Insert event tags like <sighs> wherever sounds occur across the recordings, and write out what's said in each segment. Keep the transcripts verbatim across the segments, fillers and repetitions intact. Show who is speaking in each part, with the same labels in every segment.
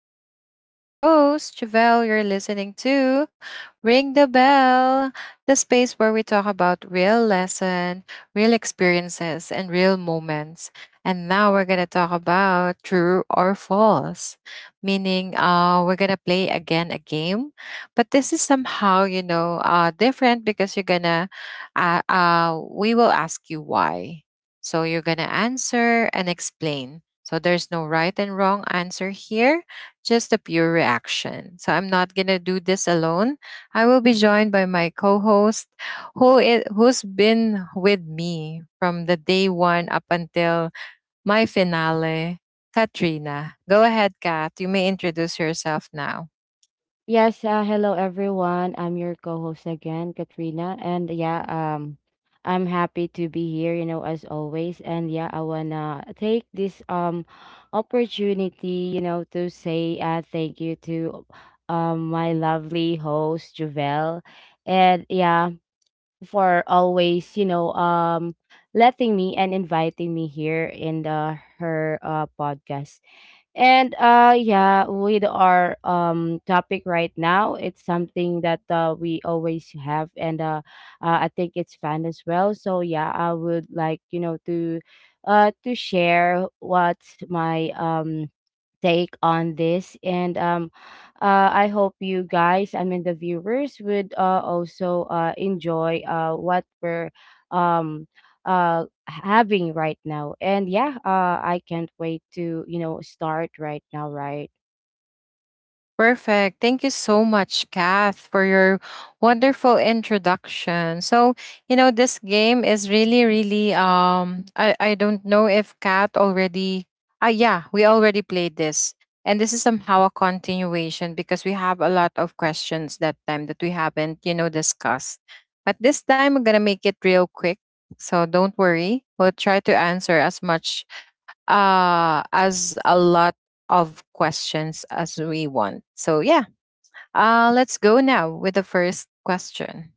Speaker 1: the show. And I'm your host, Javelle. You're listening to Ring the Bell, the space where we talk about real lesson, real experiences, and real moments. And now we're going to talk about true or false, meaning uh, we're going to play again a game. But this is somehow, you know, uh, different because you're going to, uh, uh, we will ask you why. So you're going to answer and explain so there's no right and wrong answer here, just a pure reaction. So I'm not going to do this alone. I will be joined by my co-host who is, who's been with me from the day one up until my finale, Katrina. Go ahead, Kat. You may introduce yourself now.
Speaker 2: Yes, uh, hello everyone. I'm your co-host again, Katrina, and yeah, um I'm happy to be here, you know, as always. And yeah, I wanna take this um opportunity, you know, to say uh thank you to um my lovely host, Javel. And yeah, for always, you know, um letting me and inviting me here in the her uh podcast. And uh yeah, with our um topic right now, it's something that uh, we always have, and uh, uh I think it's fun as well. So yeah, I would like, you know, to uh to share what's my um take on this. And um uh, I hope you guys, I mean, the viewers would uh, also uh, enjoy uh, what we're um uh having right now. And yeah, uh I can't wait to, you know start right now, right?
Speaker 1: Perfect. Thank you so much, Kath, for your wonderful introduction. So, you know, this game is really, really um I, I don't know if Kath already ah yeah, we already played this. And this is somehow a continuation because we have a lot of questions that time that we haven't, you know, discussed. But this time we're gonna make it real quick. So don't worry. We'll try to answer as much uh, as a lot of questions as we want. So, yeah, uh, let's go now with the first question.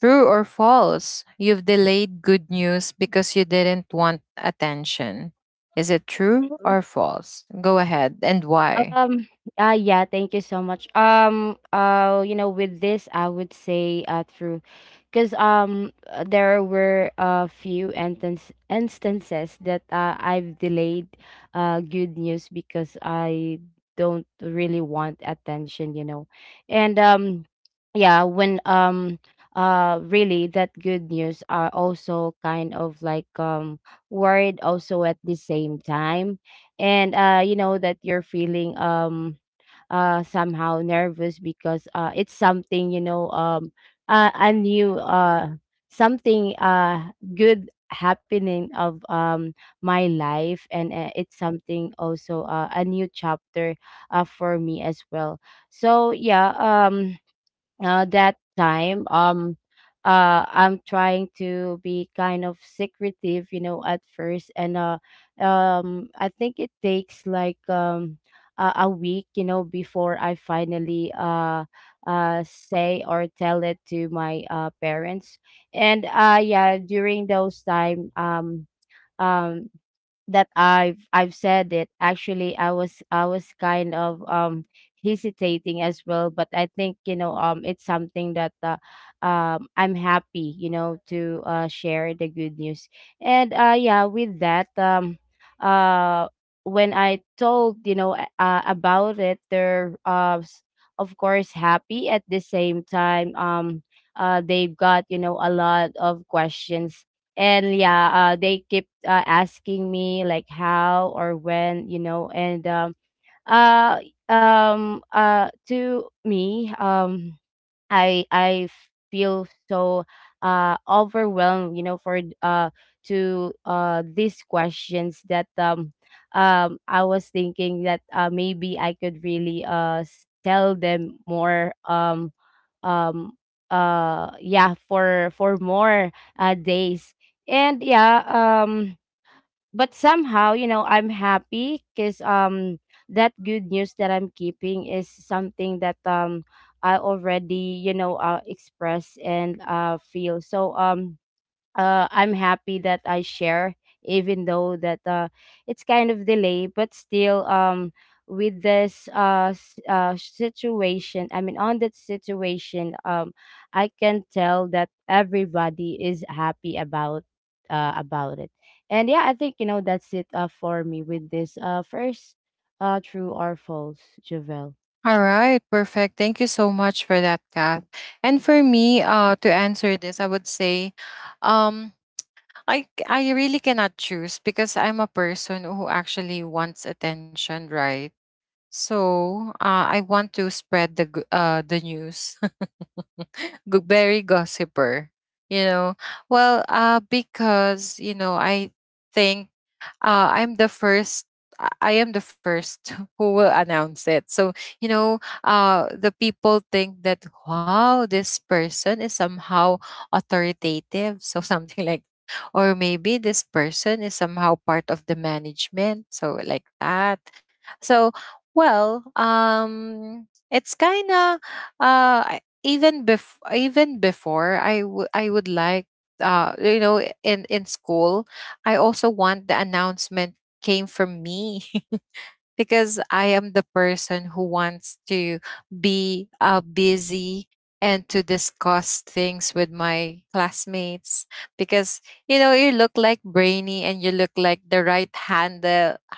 Speaker 1: True or false, you've delayed good news because you didn't want attention. Is it true or false? Go ahead and why?
Speaker 2: Um, uh, yeah, thank you so much. Um, uh, you know, with this, I would say uh through, because um uh, there were a few instance instances that uh, I've delayed uh good news because I don't really want attention, you know. And um yeah, when um uh really that good news are also kind of like um worried also at the same time. And uh you know that you're feeling um uh somehow nervous because uh it's something, you know um uh, a new, uh something uh good happening of um my life. And uh, it's something also, uh, a new chapter uh, for me as well. So yeah, um uh, that time, um uh I'm trying to be kind of secretive, you know at first. And uh um I think it takes like, um a, a week, you know before I finally uh uh say or tell it to my uh parents. And uh yeah, during those time, um um that I've I've said it. Actually, I was I was kind of um hesitating as well, but I think, you know um it's something that, uh, um I'm happy, you know to uh, share the good news. And uh yeah, with that, um uh when I told, you know a- uh, about it, they're, uh s- of course, happy at the same time. Um uh they've got, you know a lot of questions. And yeah, uh they keep uh, asking me like how or when, you know. And um uh um uh to me, um I I feel so uh overwhelmed, you know, for uh to uh these questions that, um um I was thinking that uh maybe I could really uh s- tell them more, um um uh yeah, for for more uh days. And yeah, um but somehow, you know I'm happy because um that good news that I'm keeping is something that, um I already, you know uh express and uh feel. So, um uh, I'm happy that I share, even though that, uh, it's kind of delay. But still, um, with this, uh, s- uh, situation, I mean, on that situation, um, I can tell that everybody is happy about, uh, about it. And yeah, I think, you know that's it uh, for me with this, uh, first uh, true or false, Javel.
Speaker 1: All right, perfect. Thank you so much for that, Kath. And for me, uh, to answer this, I would say, um, I c- I really cannot choose because I'm a person who actually wants attention, right? So uh, I want to spread the g- uh, the news, <laughs> Go- very gossiper, you know. Well, uh, because you know I think uh, I'm the first. I am the first <laughs> who will announce it. So you know, uh, the people think that wow, this person is somehow authoritative. So <laughs> something like, or maybe this person is somehow part of the management. So like that. So well, um, it's kind of uh I- even bef- even before I would I would like uh you know in in school I also want the announcement came from me. <laughs> Because I am the person who wants to be uh, busy and to discuss things with my classmates because you know you look like brainy and you look like the right hand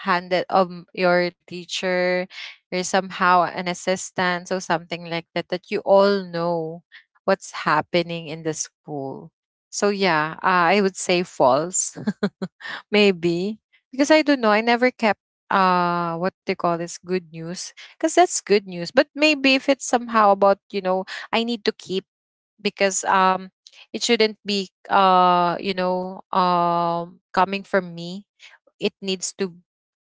Speaker 1: handed of m- your teacher. You're somehow an assistant or something like that that you all know what's happening in the school. So yeah, uh, I would say false. <laughs> Maybe. Because I don't know, I never kept uh what they call this good news. Because that's good news. But maybe if it's somehow about, you know, I need to keep because um it shouldn't be uh, you know, um coming from me. It needs to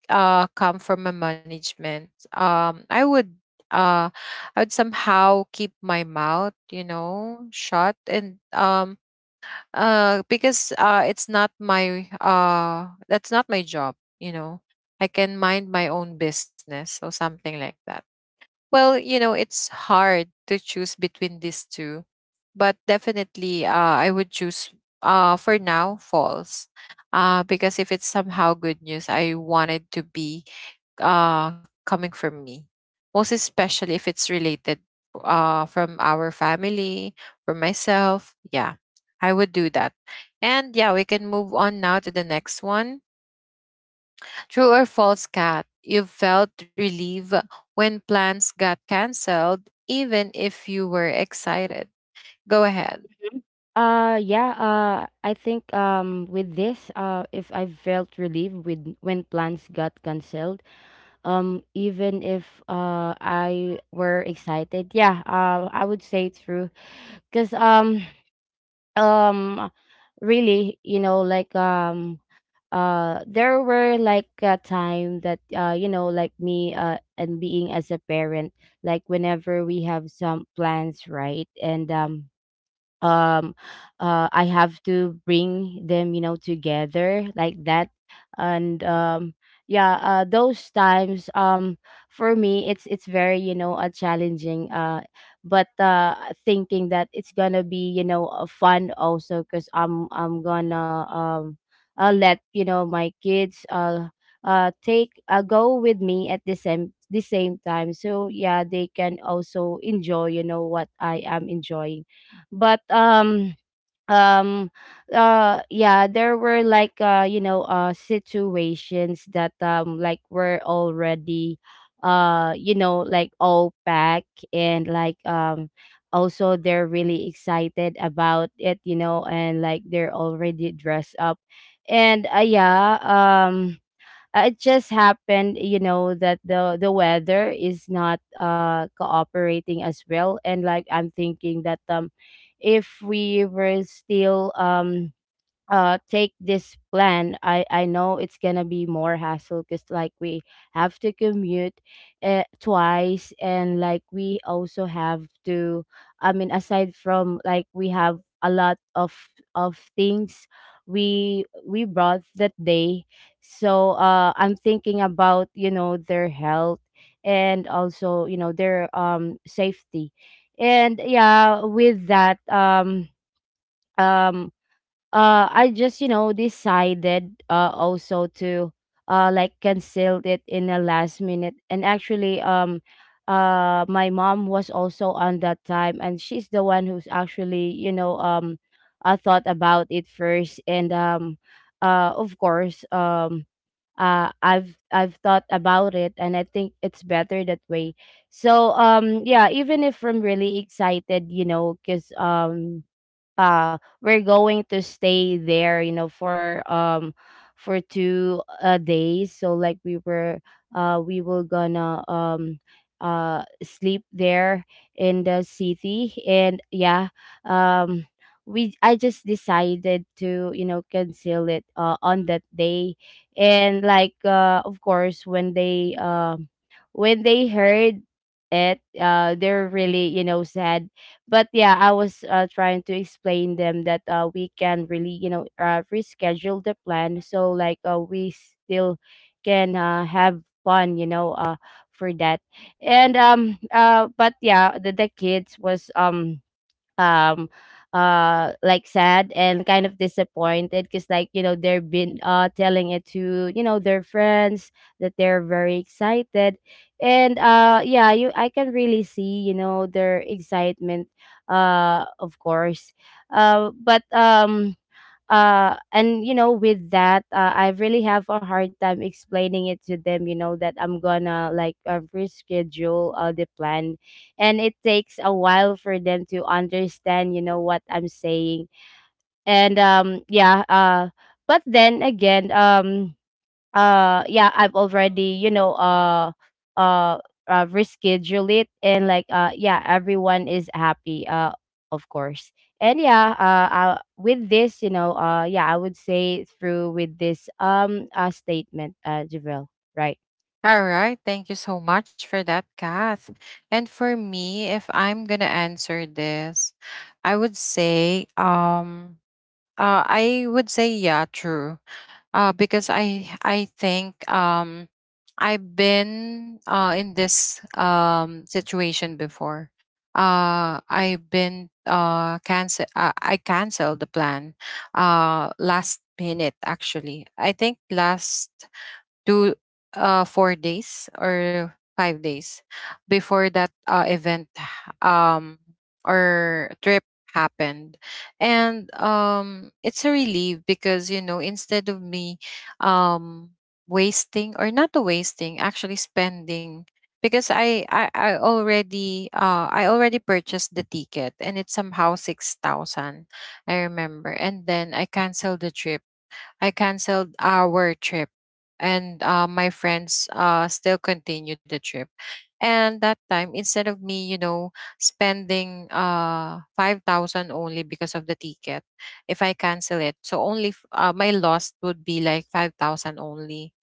Speaker 1: uh come from a management. Um I would uh I would somehow keep my mouth, you know, shut. And um uh because uh it's not my uh that's not my job. You know, I can mind my own business or something like that. Well, you know, it's hard to choose between these two, but definitely uh I would choose uh for now false, uh because if it's somehow good news I wanted to be uh, coming from me, most especially if it's related uh, from our family, from myself. Yeah, I would do that. And yeah, we can move on now to the next one. True or false, cat? You felt relief when plans got canceled, even if you were excited. Go ahead.
Speaker 2: Mhm. Uh yeah, uh I think, um with this, uh if I felt relieved with when plans got canceled, um even if, uh I were excited, yeah, uh I would say it's true, cuz um <sighs> um really, you know, like, um uh there were like a time that, uh you know, like me, uh and being as a parent, like whenever we have some plans, right? And um um uh I have to bring them, you know together like that. And um yeah, uh those times, um for me, it's it's very, you know uh, challenging, uh but uh thinking that it's gonna be, you know uh, fun also, because i'm i'm gonna, um uh, let, you know my kids, uh uh take, uh, go with me at the same the same time, so yeah, they can also enjoy, you know what I am enjoying. But um um uh yeah, there were like, uh you know, uh situations that, um like, were already, uh you know, like all packed, and like, um also they're really excited about it, you know, and like they're already dressed up. And uh yeah, um uh, it just happened, you know, that the the weather is not uh cooperating as well. And like I'm thinking that, um, if we were still, um uh take this plan, i i know it's gonna be more hassle, because like we have to commute uh, twice, and like we also have to, I mean, aside from, like, we have a lot of of things we we brought that day. So uh I'm thinking about, you know, their health, and also, you know, their, um safety. And yeah, with that, um um uh I just, you know, decided uh also to, uh like, cancel it in the last minute. And actually, um uh my mom was also on that time, and she's the one who's actually, you know, um I thought about it first. And, um uh of course, um uh I've I've thought about it, and I think it's better that way. So, um yeah, even if I'm really excited, you know, because, um uh we're going to stay there, you know, for, um for two uh, days, so like we were uh we were gonna, um uh sleep there in the city. And yeah, um we, I just decided to, you know, cancel it uh, on that day. And like, uh of course, when they, um when they heard it, uh they're really, you know, sad. But yeah, I was uh, trying to explain them that, uh, we can really, you know, uh, reschedule the plan, so like, uh, we still can, uh, have fun, you know uh, for that. And um uh, but yeah, the, the kids was, um um uh like, sad and kind of disappointed, because, like, you know, they've been, uh telling it to, you know, their friends that they're very excited. And uh yeah, you, I can really see, you know, their excitement, uh of course. Uh but um uh and you know, with that, uh, I really have a hard time explaining it to them, you know, that I'm gonna, like, uh, reschedule, uh, the plan. And it takes a while for them to understand, you know, what I'm saying. And um yeah, uh but then again, um uh yeah, I've already, you know, uh uh, uh reschedule it. And like, uh yeah, everyone is happy, uh of course. And yeah, uh, uh with this, you know, uh yeah, I would say through with this, um uh statement, uh Javel, right?
Speaker 1: All right. Thank you so much for that, Kath. And for me, if I'm gonna answer this, I would say um Uh, I would say yeah, true. Uh, because I I think um I've been uh in this um situation before. Uh, I've been uh cancel. Uh, I canceled the plan. Uh, last minute actually. I think last two uh four days or five days before that uh, event um or trip happened. And um it's a relief because you know instead of me um wasting or not wasting, actually spending, because I, I, I already uh I already purchased the ticket and it's somehow six thousand I remember. And then I canceled the trip, I canceled our trip, and uh, my friends uh, still continue the trip. And that time, instead of me, you know, spending uh, five thousand only because of the ticket, if I cancel it, so only f- uh, my loss would be like five thousand only.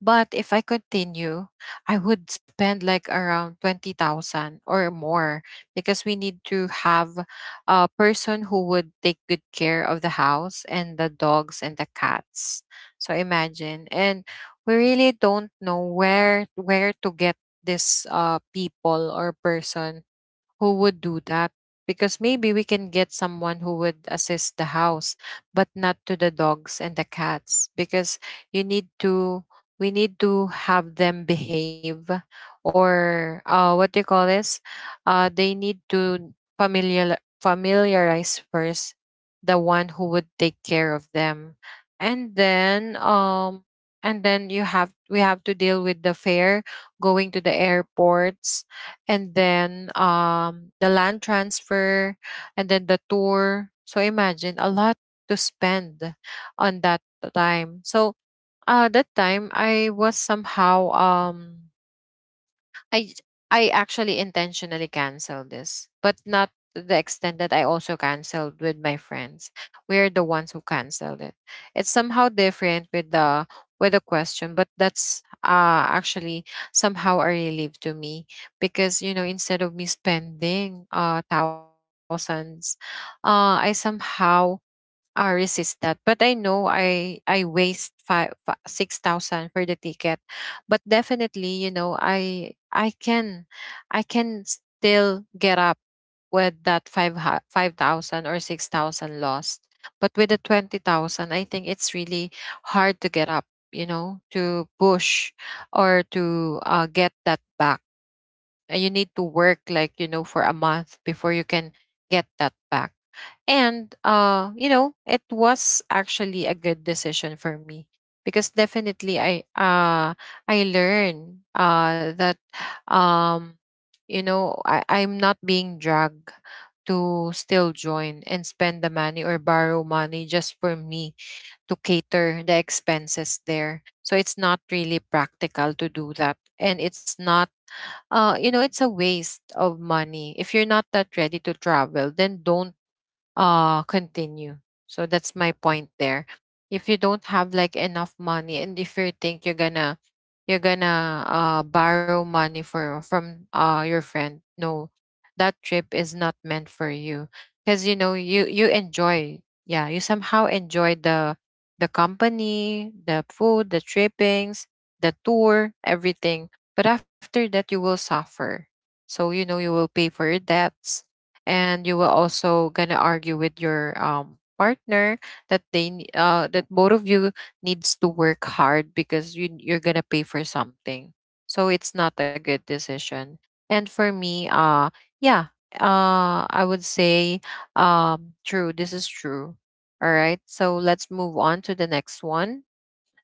Speaker 1: But if I continue, I would spend like around twenty thousand or more because we need to have a person who would take good care of the house and the dogs and the cats. So imagine. And we really don't know where where to get this uh people or person who would do that because maybe we can get someone who would assist the house but not to the dogs and the cats because you need to we need to have them behave or uh, what do you call this, uh, they need to familiar, familiarize first the one who would take care of them. And then um and then you have we have to deal with the fare going to the airports, and then um the land transfer, and then the tour. So imagine a lot to spend on that time. So uh that time I was somehow um I j- I actually intentionally canceled this, but not to the extent that I also canceled with my friends. We're the ones who canceled it. It's somehow different with the with the question, but that's uh actually somehow a relief to me because you know instead of me spending uh thousands, uh I somehow I resist that. But I know I I waste five six thousand for the ticket. But definitely, you know, I I can I can still get up with that five five thousand or six thousand lost. But with the twenty thousand, I think it's really hard to get up. You know, to push or to uh, get that back. Uh, You need to work like you know for a month before you can get that back. And uh, you know, it was actually a good decision for me because definitely I uh I learned uh that um you know I, I'm not being dragged to still join and spend the money or borrow money just for me to cater the expenses there. So it's not really practical to do that. And it's not uh you know it's a waste of money. If you're not that ready to travel, then don't uh continue. So that's my point there. If you don't have like enough money, and if you think you're gonna you're gonna uh borrow money for from uh your friend, no, that trip is not meant for you. Because you know you you enjoy, yeah, you somehow enjoy the the company, the food, the trippings, the tour, everything. But after that you will suffer. So you know you will pay for your debts, and you will also gonna argue with your um partner that they ne- uh that both of you needs to work hard because you you're gonna pay for something. So it's not a good decision. And for me uh yeah uh I would say um true, this is true. All right, so let's move on to the next one.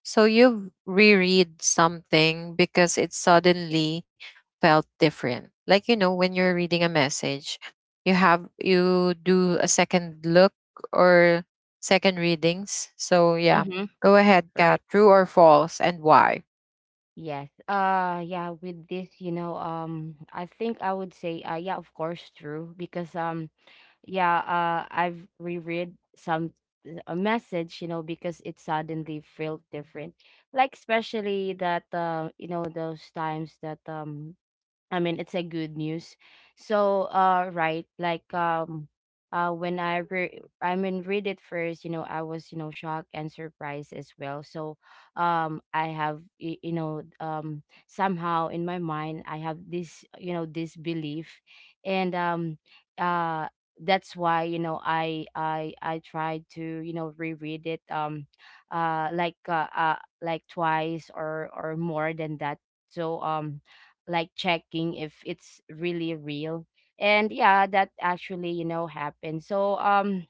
Speaker 1: So you reread something because it suddenly felt different. Like you know, when you're reading a message, you have you do a second look or second readings. So yeah,
Speaker 2: Mm-hmm.
Speaker 1: go ahead,
Speaker 2: Right.
Speaker 1: Kat. True or false, and why?
Speaker 2: Yes. Uh yeah, with this, you know, um I think I would say, uh yeah, of course, true. Because um yeah, uh, I've reread some a message, you know, because it suddenly felt different. Like, especially that, uh, you know, those times that, um I mean, it's a good news. So, uh, right, like, um, uh, when I re- I mean, read it first, you know, I was, you know, shocked and surprised as well. So, um, I have, y- you know, um, somehow in my mind, I have this, you know, this belief. And, um, uh, that's why, you know, I I I tried to, you know, reread it, um, uh, like, uh, uh like twice, or or more than that. So, um like, checking if it's really real. And yeah, that actually, you know, happened. So um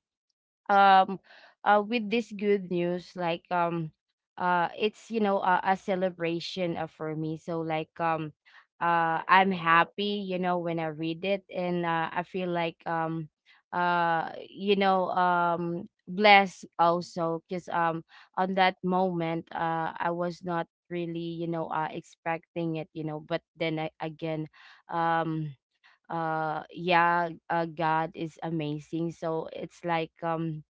Speaker 2: um uh with this good news, like um uh it's, you know a, a celebration uh, for me. So like um uh I'm happy, you know when I read it. And uh, I feel like um uh you know um blessed also, because um on that moment, uh I was not really, you know uh expecting it, you know but then I, again, um uh yeah, uh, God is amazing. So it's like um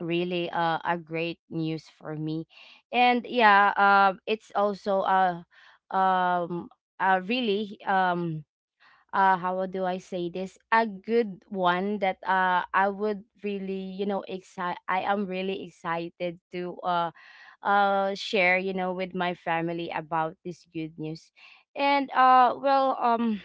Speaker 2: really uh, a great news for me. And yeah, um it's also a, um uh really, um uh how do I say this, a good one, that uh I would really, you know excite I am really excited to uh uh share, you know with my family about this good news. And uh well, um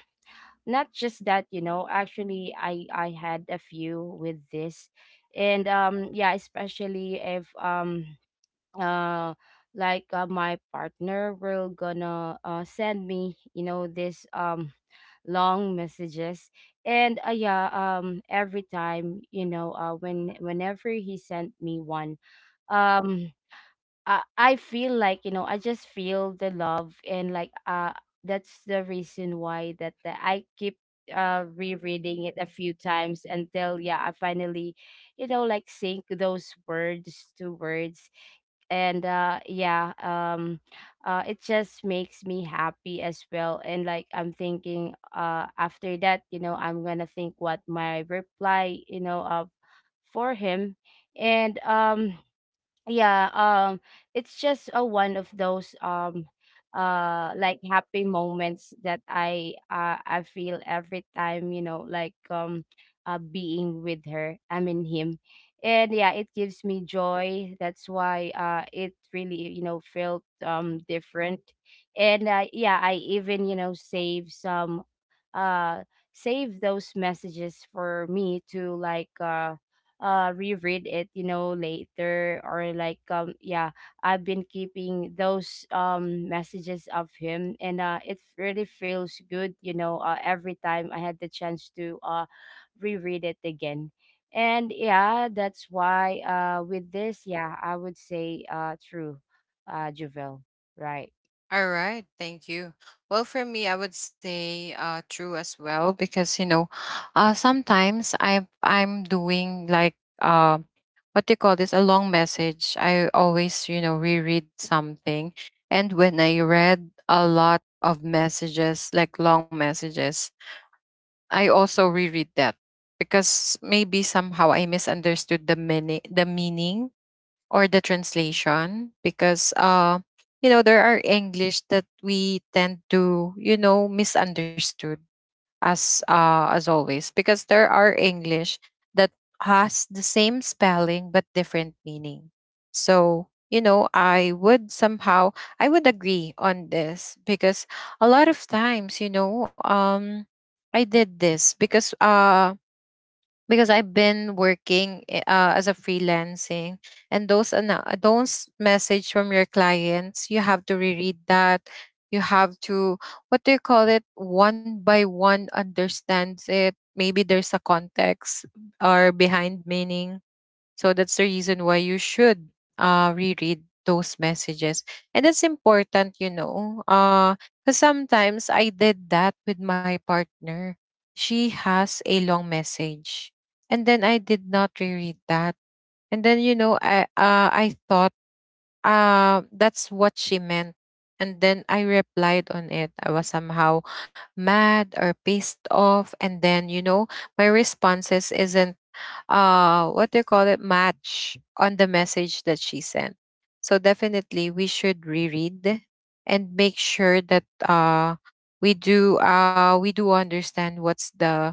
Speaker 2: not just that, you know actually i i had a few with this. And um yeah, especially if um uh like, uh, my partner will gonna uh, send me, you know this um long messages. And uh, yeah, um every time, you know uh when whenever he sent me one, um uh, I feel like, you know I just feel the love. And like uh that's the reason why that, that I keep uh rereading it a few times, until yeah I finally, you know like, sync those words to words. And uh yeah, um uh it just makes me happy as well. And like I'm thinking, uh after that, you know I'm gonna think what my reply, you know of for him. And um yeah, um it's just a one of those um uh like happy moments that i uh, i feel every time, you know like um uh being with her, I mean him. And yeah, it gives me joy. That's why uh it really, you know felt um different. And uh, yeah, I even, you know save some, uh save those messages for me to like, uh uh reread it, you know later, or like, um yeah. I've been keeping those um messages of him. And uh it really feels good, you know uh, every time I had the chance to uh reread it again. And yeah, that's why, uh with this, yeah, I would say uh true, uh Javel. Right.
Speaker 1: All right, thank you. Well, for me, I would say uh, true as well because you know, uh, sometimes I I'm doing like uh, what do you call this? A long message. I always you know reread something. And when I read a lot of messages, like long messages, I also reread that because maybe somehow I misunderstood the meaning the meaning or the translation, because uh you know there are english that we tend to you know misunderstood as uh as always, because there are english that has the same spelling but different meaning. So you know I would somehow, I would agree on this because a lot of times you know um I did this because uh because I've been working i- uh, as a freelancing, and those ana- uh, those message from your clients you have to reread that. You have to, what do you call it, one by one understands it, maybe there's a context or behind meaning. So that's the reason why you should uh, reread those messages. And that's important, you know, because sometimes I did that with my partner. She has a long message. And then I did not reread that. And then, you know, I, uh, I thought uh, that's what she meant. And then I replied on it. I was somehow mad or pissed off. And then, you know, my responses isn't uh what do you call it match on the message that she sent. So definitely we should reread and make sure that uh we do uh we do understand what's the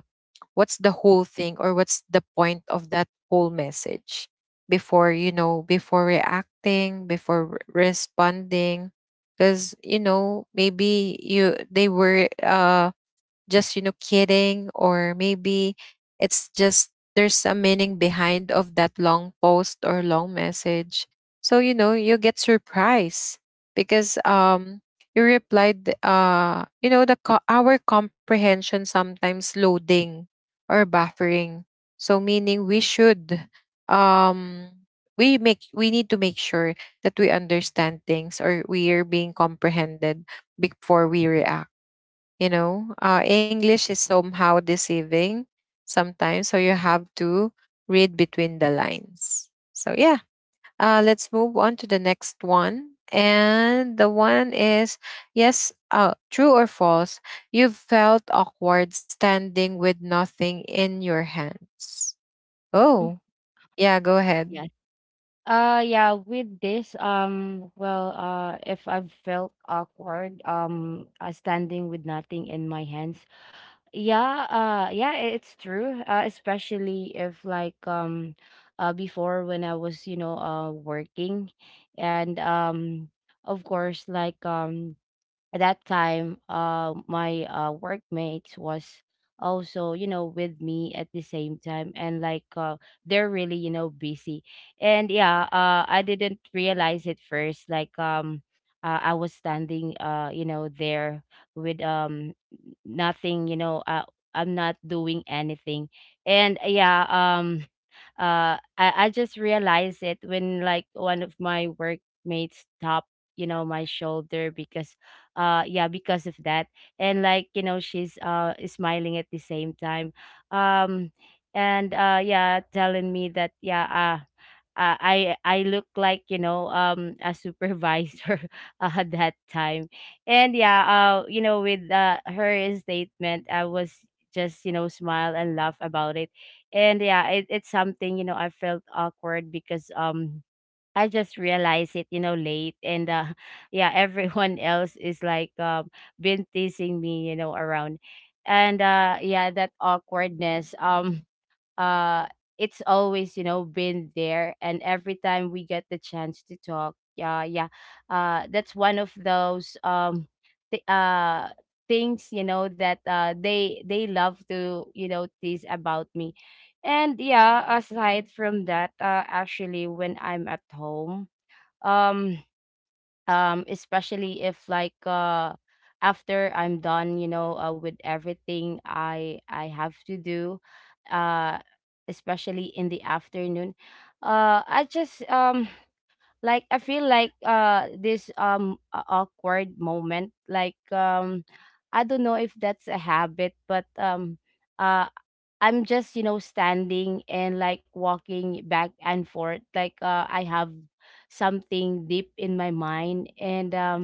Speaker 1: what's the whole thing, or what's the point of that whole message before, you know, before reacting, before re- responding. Because, you know, maybe you they were, uh just, you know, kidding, or maybe it's just there's a meaning behind of that long post or long message. So, you know, you get surprised because um you replied. Uh you know, the co- our comprehension sometimes loading or buffering. So meaning we should, um we make we need to make sure that we understand things, or we are being comprehended before we react. You know, uh, English is somehow deceiving sometimes, so you have to read between the lines. So yeah, uh, let's move on to the next one. And the one is yes, uh, true or false, you felt awkward standing with nothing in your hands.
Speaker 2: Mm.
Speaker 1: Oh, yeah, go ahead.
Speaker 2: Yes. Uh yeah, with this um well, uh if I've felt awkward um uh, standing with nothing in my hands. Yeah, uh yeah, i- it's true. Uh, especially if like, um uh before, when I was, you know, uh working. And um of course, like um at that time, uh my uh workmates was also, you know with me at the same time. And like, uh they're really, you know busy. And yeah, uh I didn't realize it first. Like um uh, I was standing, uh you know there with um nothing, you know uh, I'm not doing anything. And yeah, um uh I, I just realized it when, like, one of my workmates tapped, you know my shoulder, because uh yeah, because of that. And like, you know she's uh smiling at the same time. um and uh yeah, telling me that yeah, uh uh, I I look like, you know um a supervisor, <laughs> uh, that time. And yeah, uh you know with, uh, her statement, I was just, you know smile and laugh about it. And yeah, it, it's something, you know I felt awkward because um I just realized it, you know late. And uh <laughs> yeah, everyone else is like, um been teasing me, you know around. And uh yeah, that awkwardness, um uh it's always, you know been there. And every time we get the chance to talk, yeah, yeah, uh that's one of those um th- uh things, you know that uh they they love to, you know tease about me. And yeah, aside from that, uh actually when I'm at home, um um especially if like uh after I'm done, you know uh, with everything i i have to do, uh especially in the afternoon. uh I just um like, I feel like uh this um a- awkward moment. Like um I don't know if that's a habit, but um uh. I'm just, you know, standing and like walking back and forth. Like, uh, I have something deep in my mind. And um,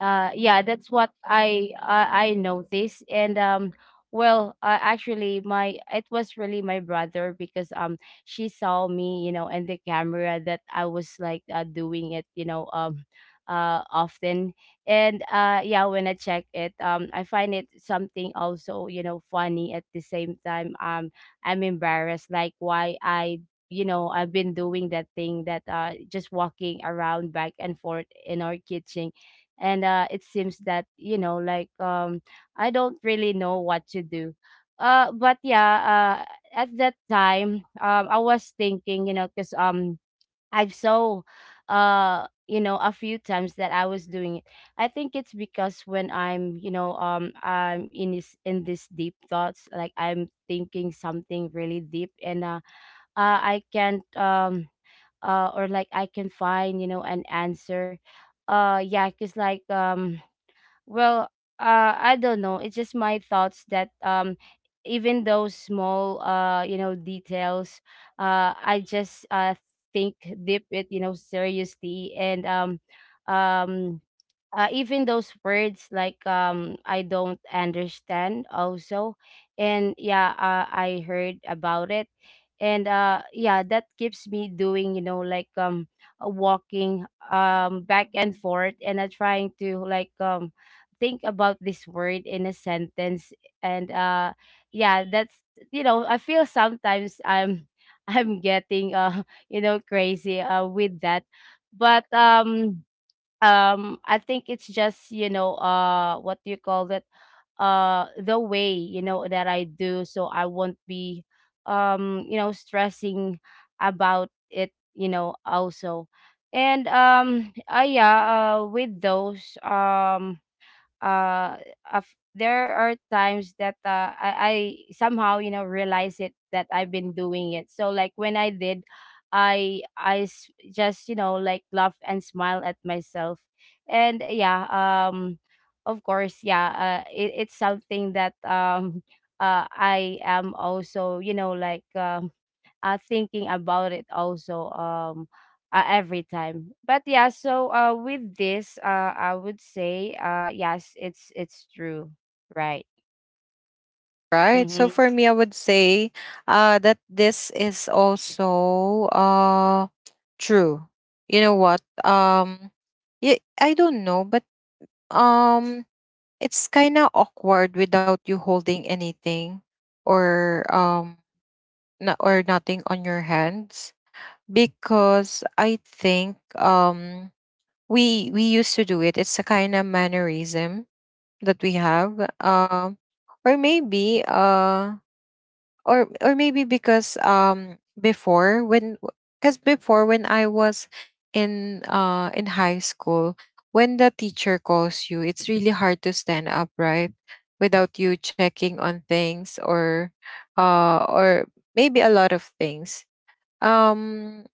Speaker 2: uh, yeah, that's what I uh, I I noticed. And um, well, uh, actually, my it was really my brother, because um, she saw me, you know, and the camera, that I was like, uh, doing it, you know, um, uh, often. And uh yeah, when I check it, um I find it something also, you know funny at the same time. um I'm embarrassed, like, why I, you know I've been doing that thing, that uh just walking around back and forth in our kitchen. And uh it seems that, you know like, um I don't really know what to do. uh but yeah, uh at that time, um I was thinking, you know because um I've saw uh you know a few times that I was doing it. I think it's because when I'm, you know um I'm in this, in this deep thoughts, like I'm thinking something really deep. And uh, uh I can't um uh or like, I can find, you know an answer. Uh yeah, cuz like, um well, uh, I don't know. It's just my thoughts that, um, even those small, uh, you know, details, uh, I just uh think deep it, you know, seriously. And um, um, uh, even those words, like, um I don't understand also. And yeah, uh, I heard about it. And uh yeah, that keeps me doing, you know like, um uh, walking, um back and forth. And uh, trying to like, um think about this word in a sentence. And uh yeah, that's, you know I feel sometimes I'm <laughs> I'm getting, uh <laughs> you know crazy uh with that. But um um I think it's just, you know uh what do you call it, uh the way, you know that I do, so I won't be um you know stressing about it, you know also. And um uh, yeah, uh with those um uh of there are times that uh, I, I somehow, you know realize it, that I've been doing it. So like when I did, I I s- just, you know like, laugh and smile at myself. And yeah, um, of course, yeah, uh, it, it's something that, um, <laughs> uh, I am also, you know like, um uh, thinking about it also, um uh, every time. But yeah, so uh with this, uh I would say, uh yes, it's it's true. Right.
Speaker 1: Right. So
Speaker 2: Mm-hmm.
Speaker 1: for me, I would say uh, that this is also, uh, true. You know what? Um, yeah, I don't know, but, um, it's kind of awkward without you holding anything, or um no- or nothing on your hands, because I think um we we used to do it. It's a kind of mannerism that we have. Um or maybe uh or or maybe because, um before when, because before when I was in uh in high school, when the teacher calls you, it's really hard to stand up right without you checking on things, or uh or maybe a lot of things. um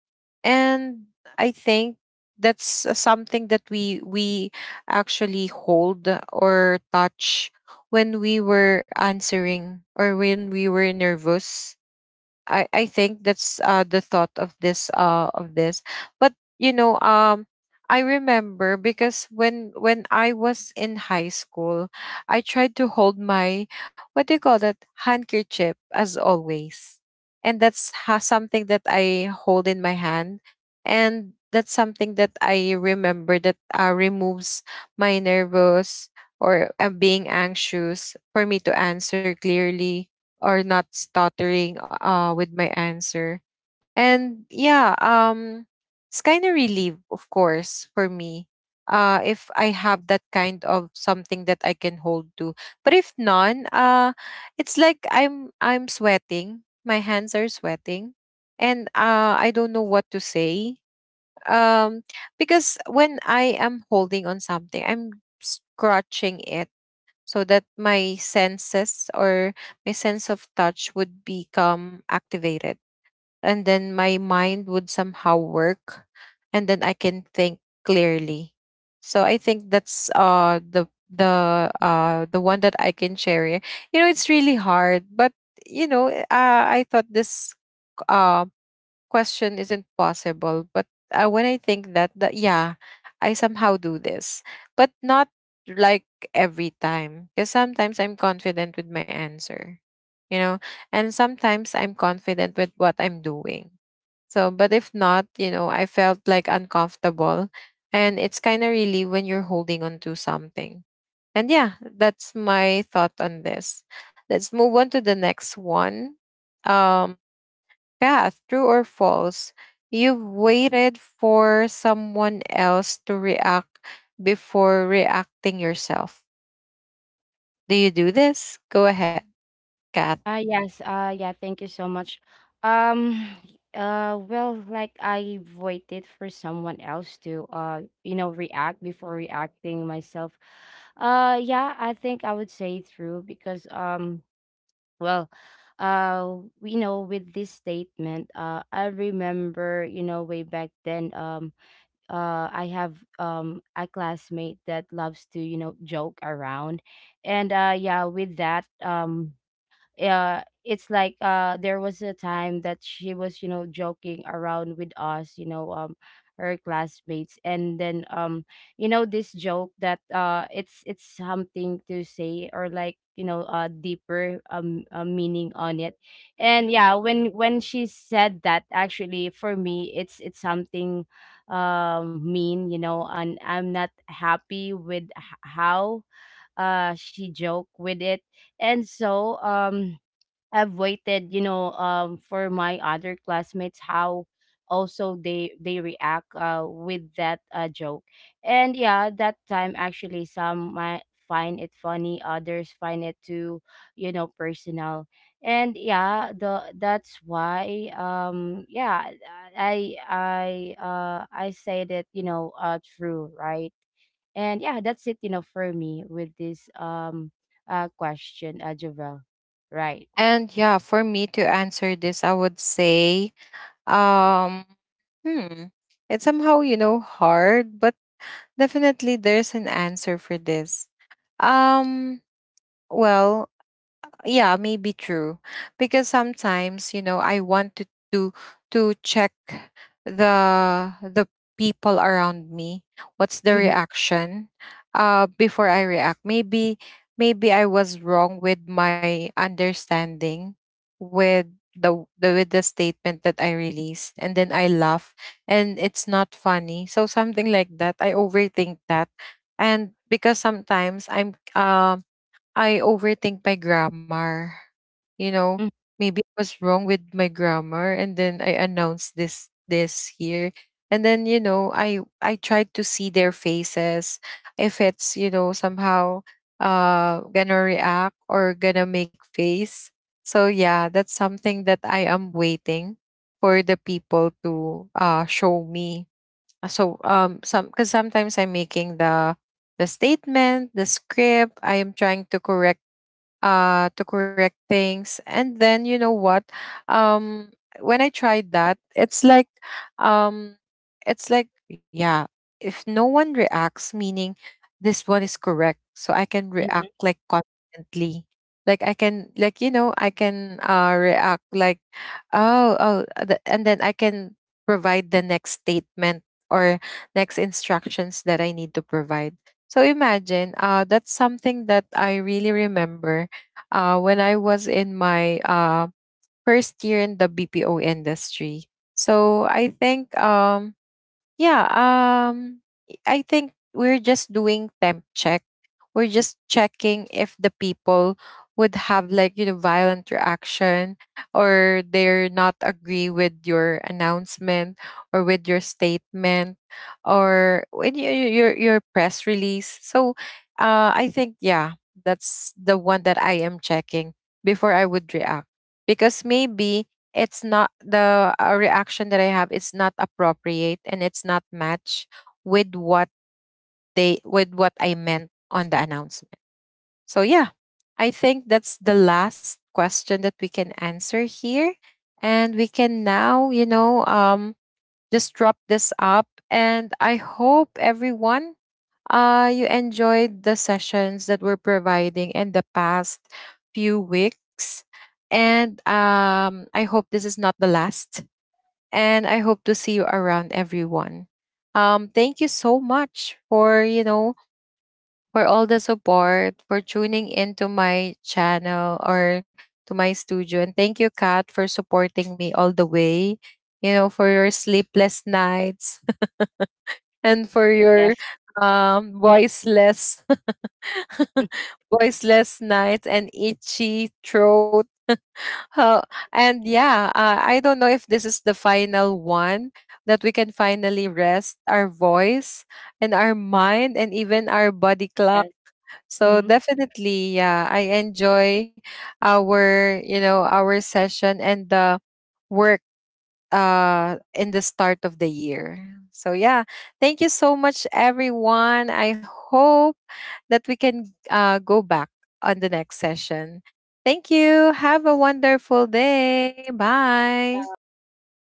Speaker 1: and I think that's, uh, something that we we actually hold or touch when we were answering or when we were nervous. I I think that's, uh the thought of this uh of this. But you know, um I remember because when when I was in high school, I tried to hold my, what do you call that, handkerchief, as always. And that's ha- something that I hold in my hand, and that's something that I remember that, uh, removes my nervous, or, uh, being anxious, for me to answer clearly or not stuttering, uh, with my answer. And yeah, um, it's kind of relief, of course, for me. Uh, if I have that kind of something that I can hold to, but if none, uh, it's like I'm I'm sweating. My hands are sweating, and, uh, I don't know what to say. Um, because when I am holding on something, I'm scratching it, so that my senses, or my sense of touch, would become activated, and then my mind would somehow work, and then I can think clearly. So I think that's, uh the the uh the one that I can share here. You know, it's really hard, but you know, uh, I thought this, uh, question isn't possible. But, uh, when I think that, that, yeah, I somehow do this, but not like every time. Because sometimes I'm confident with my answer, you know, and sometimes I'm confident with what I'm doing. So, but if not, you know, I felt like uncomfortable. And it's kind of really when you're holding on to something. And yeah, that's my thought on this. Let's move on to the next one. Um, yeah, true or false. You've waited for someone else to react before reacting yourself. Do you do this? Go ahead, Kat.
Speaker 2: uh yes. uh yeah, thank you so much. um <sighs> uh well, like, I waited for someone else to, uh you know react before reacting myself. uh yeah, I think I would say true, because um well, uh, we know, with this statement, uh, I remember, you know, way back then, um, uh, I have, um a classmate that loves to, you know, joke around. And uh, yeah, with that, um, uh it's like, uh there was a time that she was, you know joking around with us, you know um her classmates. And then um you know this joke, that uh it's it's something to say, or like, you know a deeper, um uh, meaning on it. And yeah, when when she said that, actually for me, it's it's something uh, mean, you know and I'm not happy with h- how uh she joked with it. And so, um I've waited, you know, um, for my other classmates, how also they they react, uh, with that uh, joke. And yeah, that time, actually some might find it funny, others find it too, you know, personal. And yeah, the, that's why, um yeah, I I uh I say that, you know, uh true, right? And yeah, that's it, you know, for me, with this um uh question, uh Javel. Right.
Speaker 1: And yeah, for me to answer this, I would say, um, hmm, it's somehow, you know, hard, but definitely there's an answer for this. Um, well, yeah, maybe true. Because sometimes, you know, I wanted to to check the the people around me. What's the
Speaker 2: Mm-hmm.
Speaker 1: reaction? Uh, before I react. Maybe maybe I was wrong with my understanding with the, the with the statement that I released, and then I laugh and it's not funny. So something like that. I overthink that. And because sometimes I'm, um I overthink my grammar. You know,
Speaker 2: Mm,
Speaker 1: maybe I was wrong with my grammar, and then I announced this this here. And then, you know, I I tried to see their faces if it's, you know, somehow uh gonna react or gonna make face. So yeah, that's something that I am waiting for the people to, uh show me. Uh, So um some because sometimes I'm making the the statement, the script. I am trying to correct, uh to correct things, and then you know what, um when I tried that, it's like, um it's like, yeah, if no one reacts, meaning this one is correct, so I can
Speaker 2: mhm.
Speaker 1: react like confidently, like I can, like you know, I can, uh react like, oh, oh uh, the- and then I can provide the next statement, or next instructions that I need to provide. So imagine, uh that's something that I really remember, uh, when I was in my, uh, first year in the B P O industry. So I think, um, yeah, um I think we're just doing temp check. We're just checking if the people would have, like, you know, violent reaction, or they're not agree with your announcement, or with your statement, or with your your, your press release. So, uh I think yeah, that's the one that I am checking before I would react. Because maybe it's not the uh, reaction that I have, is not appropriate, and it's not match with what they with what I meant on the announcement. So yeah, I think that's the last question that we can answer here, and we can now, you know, um just drop this up. And I hope everyone, uh you enjoyed the sessions that we're providing in the past few weeks. And, um, I hope this is not the last, and I hope to see you around, everyone. Um, thank you so much for, you know, for all the support, for tuning into my channel, or to my studio. And thank you, Kat, for supporting me all the way, you know, for your sleepless nights <laughs> and for your
Speaker 2: Yes,
Speaker 1: um voiceless <laughs> voiceless nights and itchy throat. Oh, and yeah, uh, I don't know if this is the final one that we can finally rest our voice, and our mind, and even our body
Speaker 2: yes.
Speaker 1: clock. So
Speaker 2: Mhm.
Speaker 1: definitely, yeah, I enjoy our, you know, our session, and the work, uh in the start of the year. So yeah, thank you so much, everyone. I hope that we can, uh go back on the next session. Thank you. Have a wonderful day. Bye.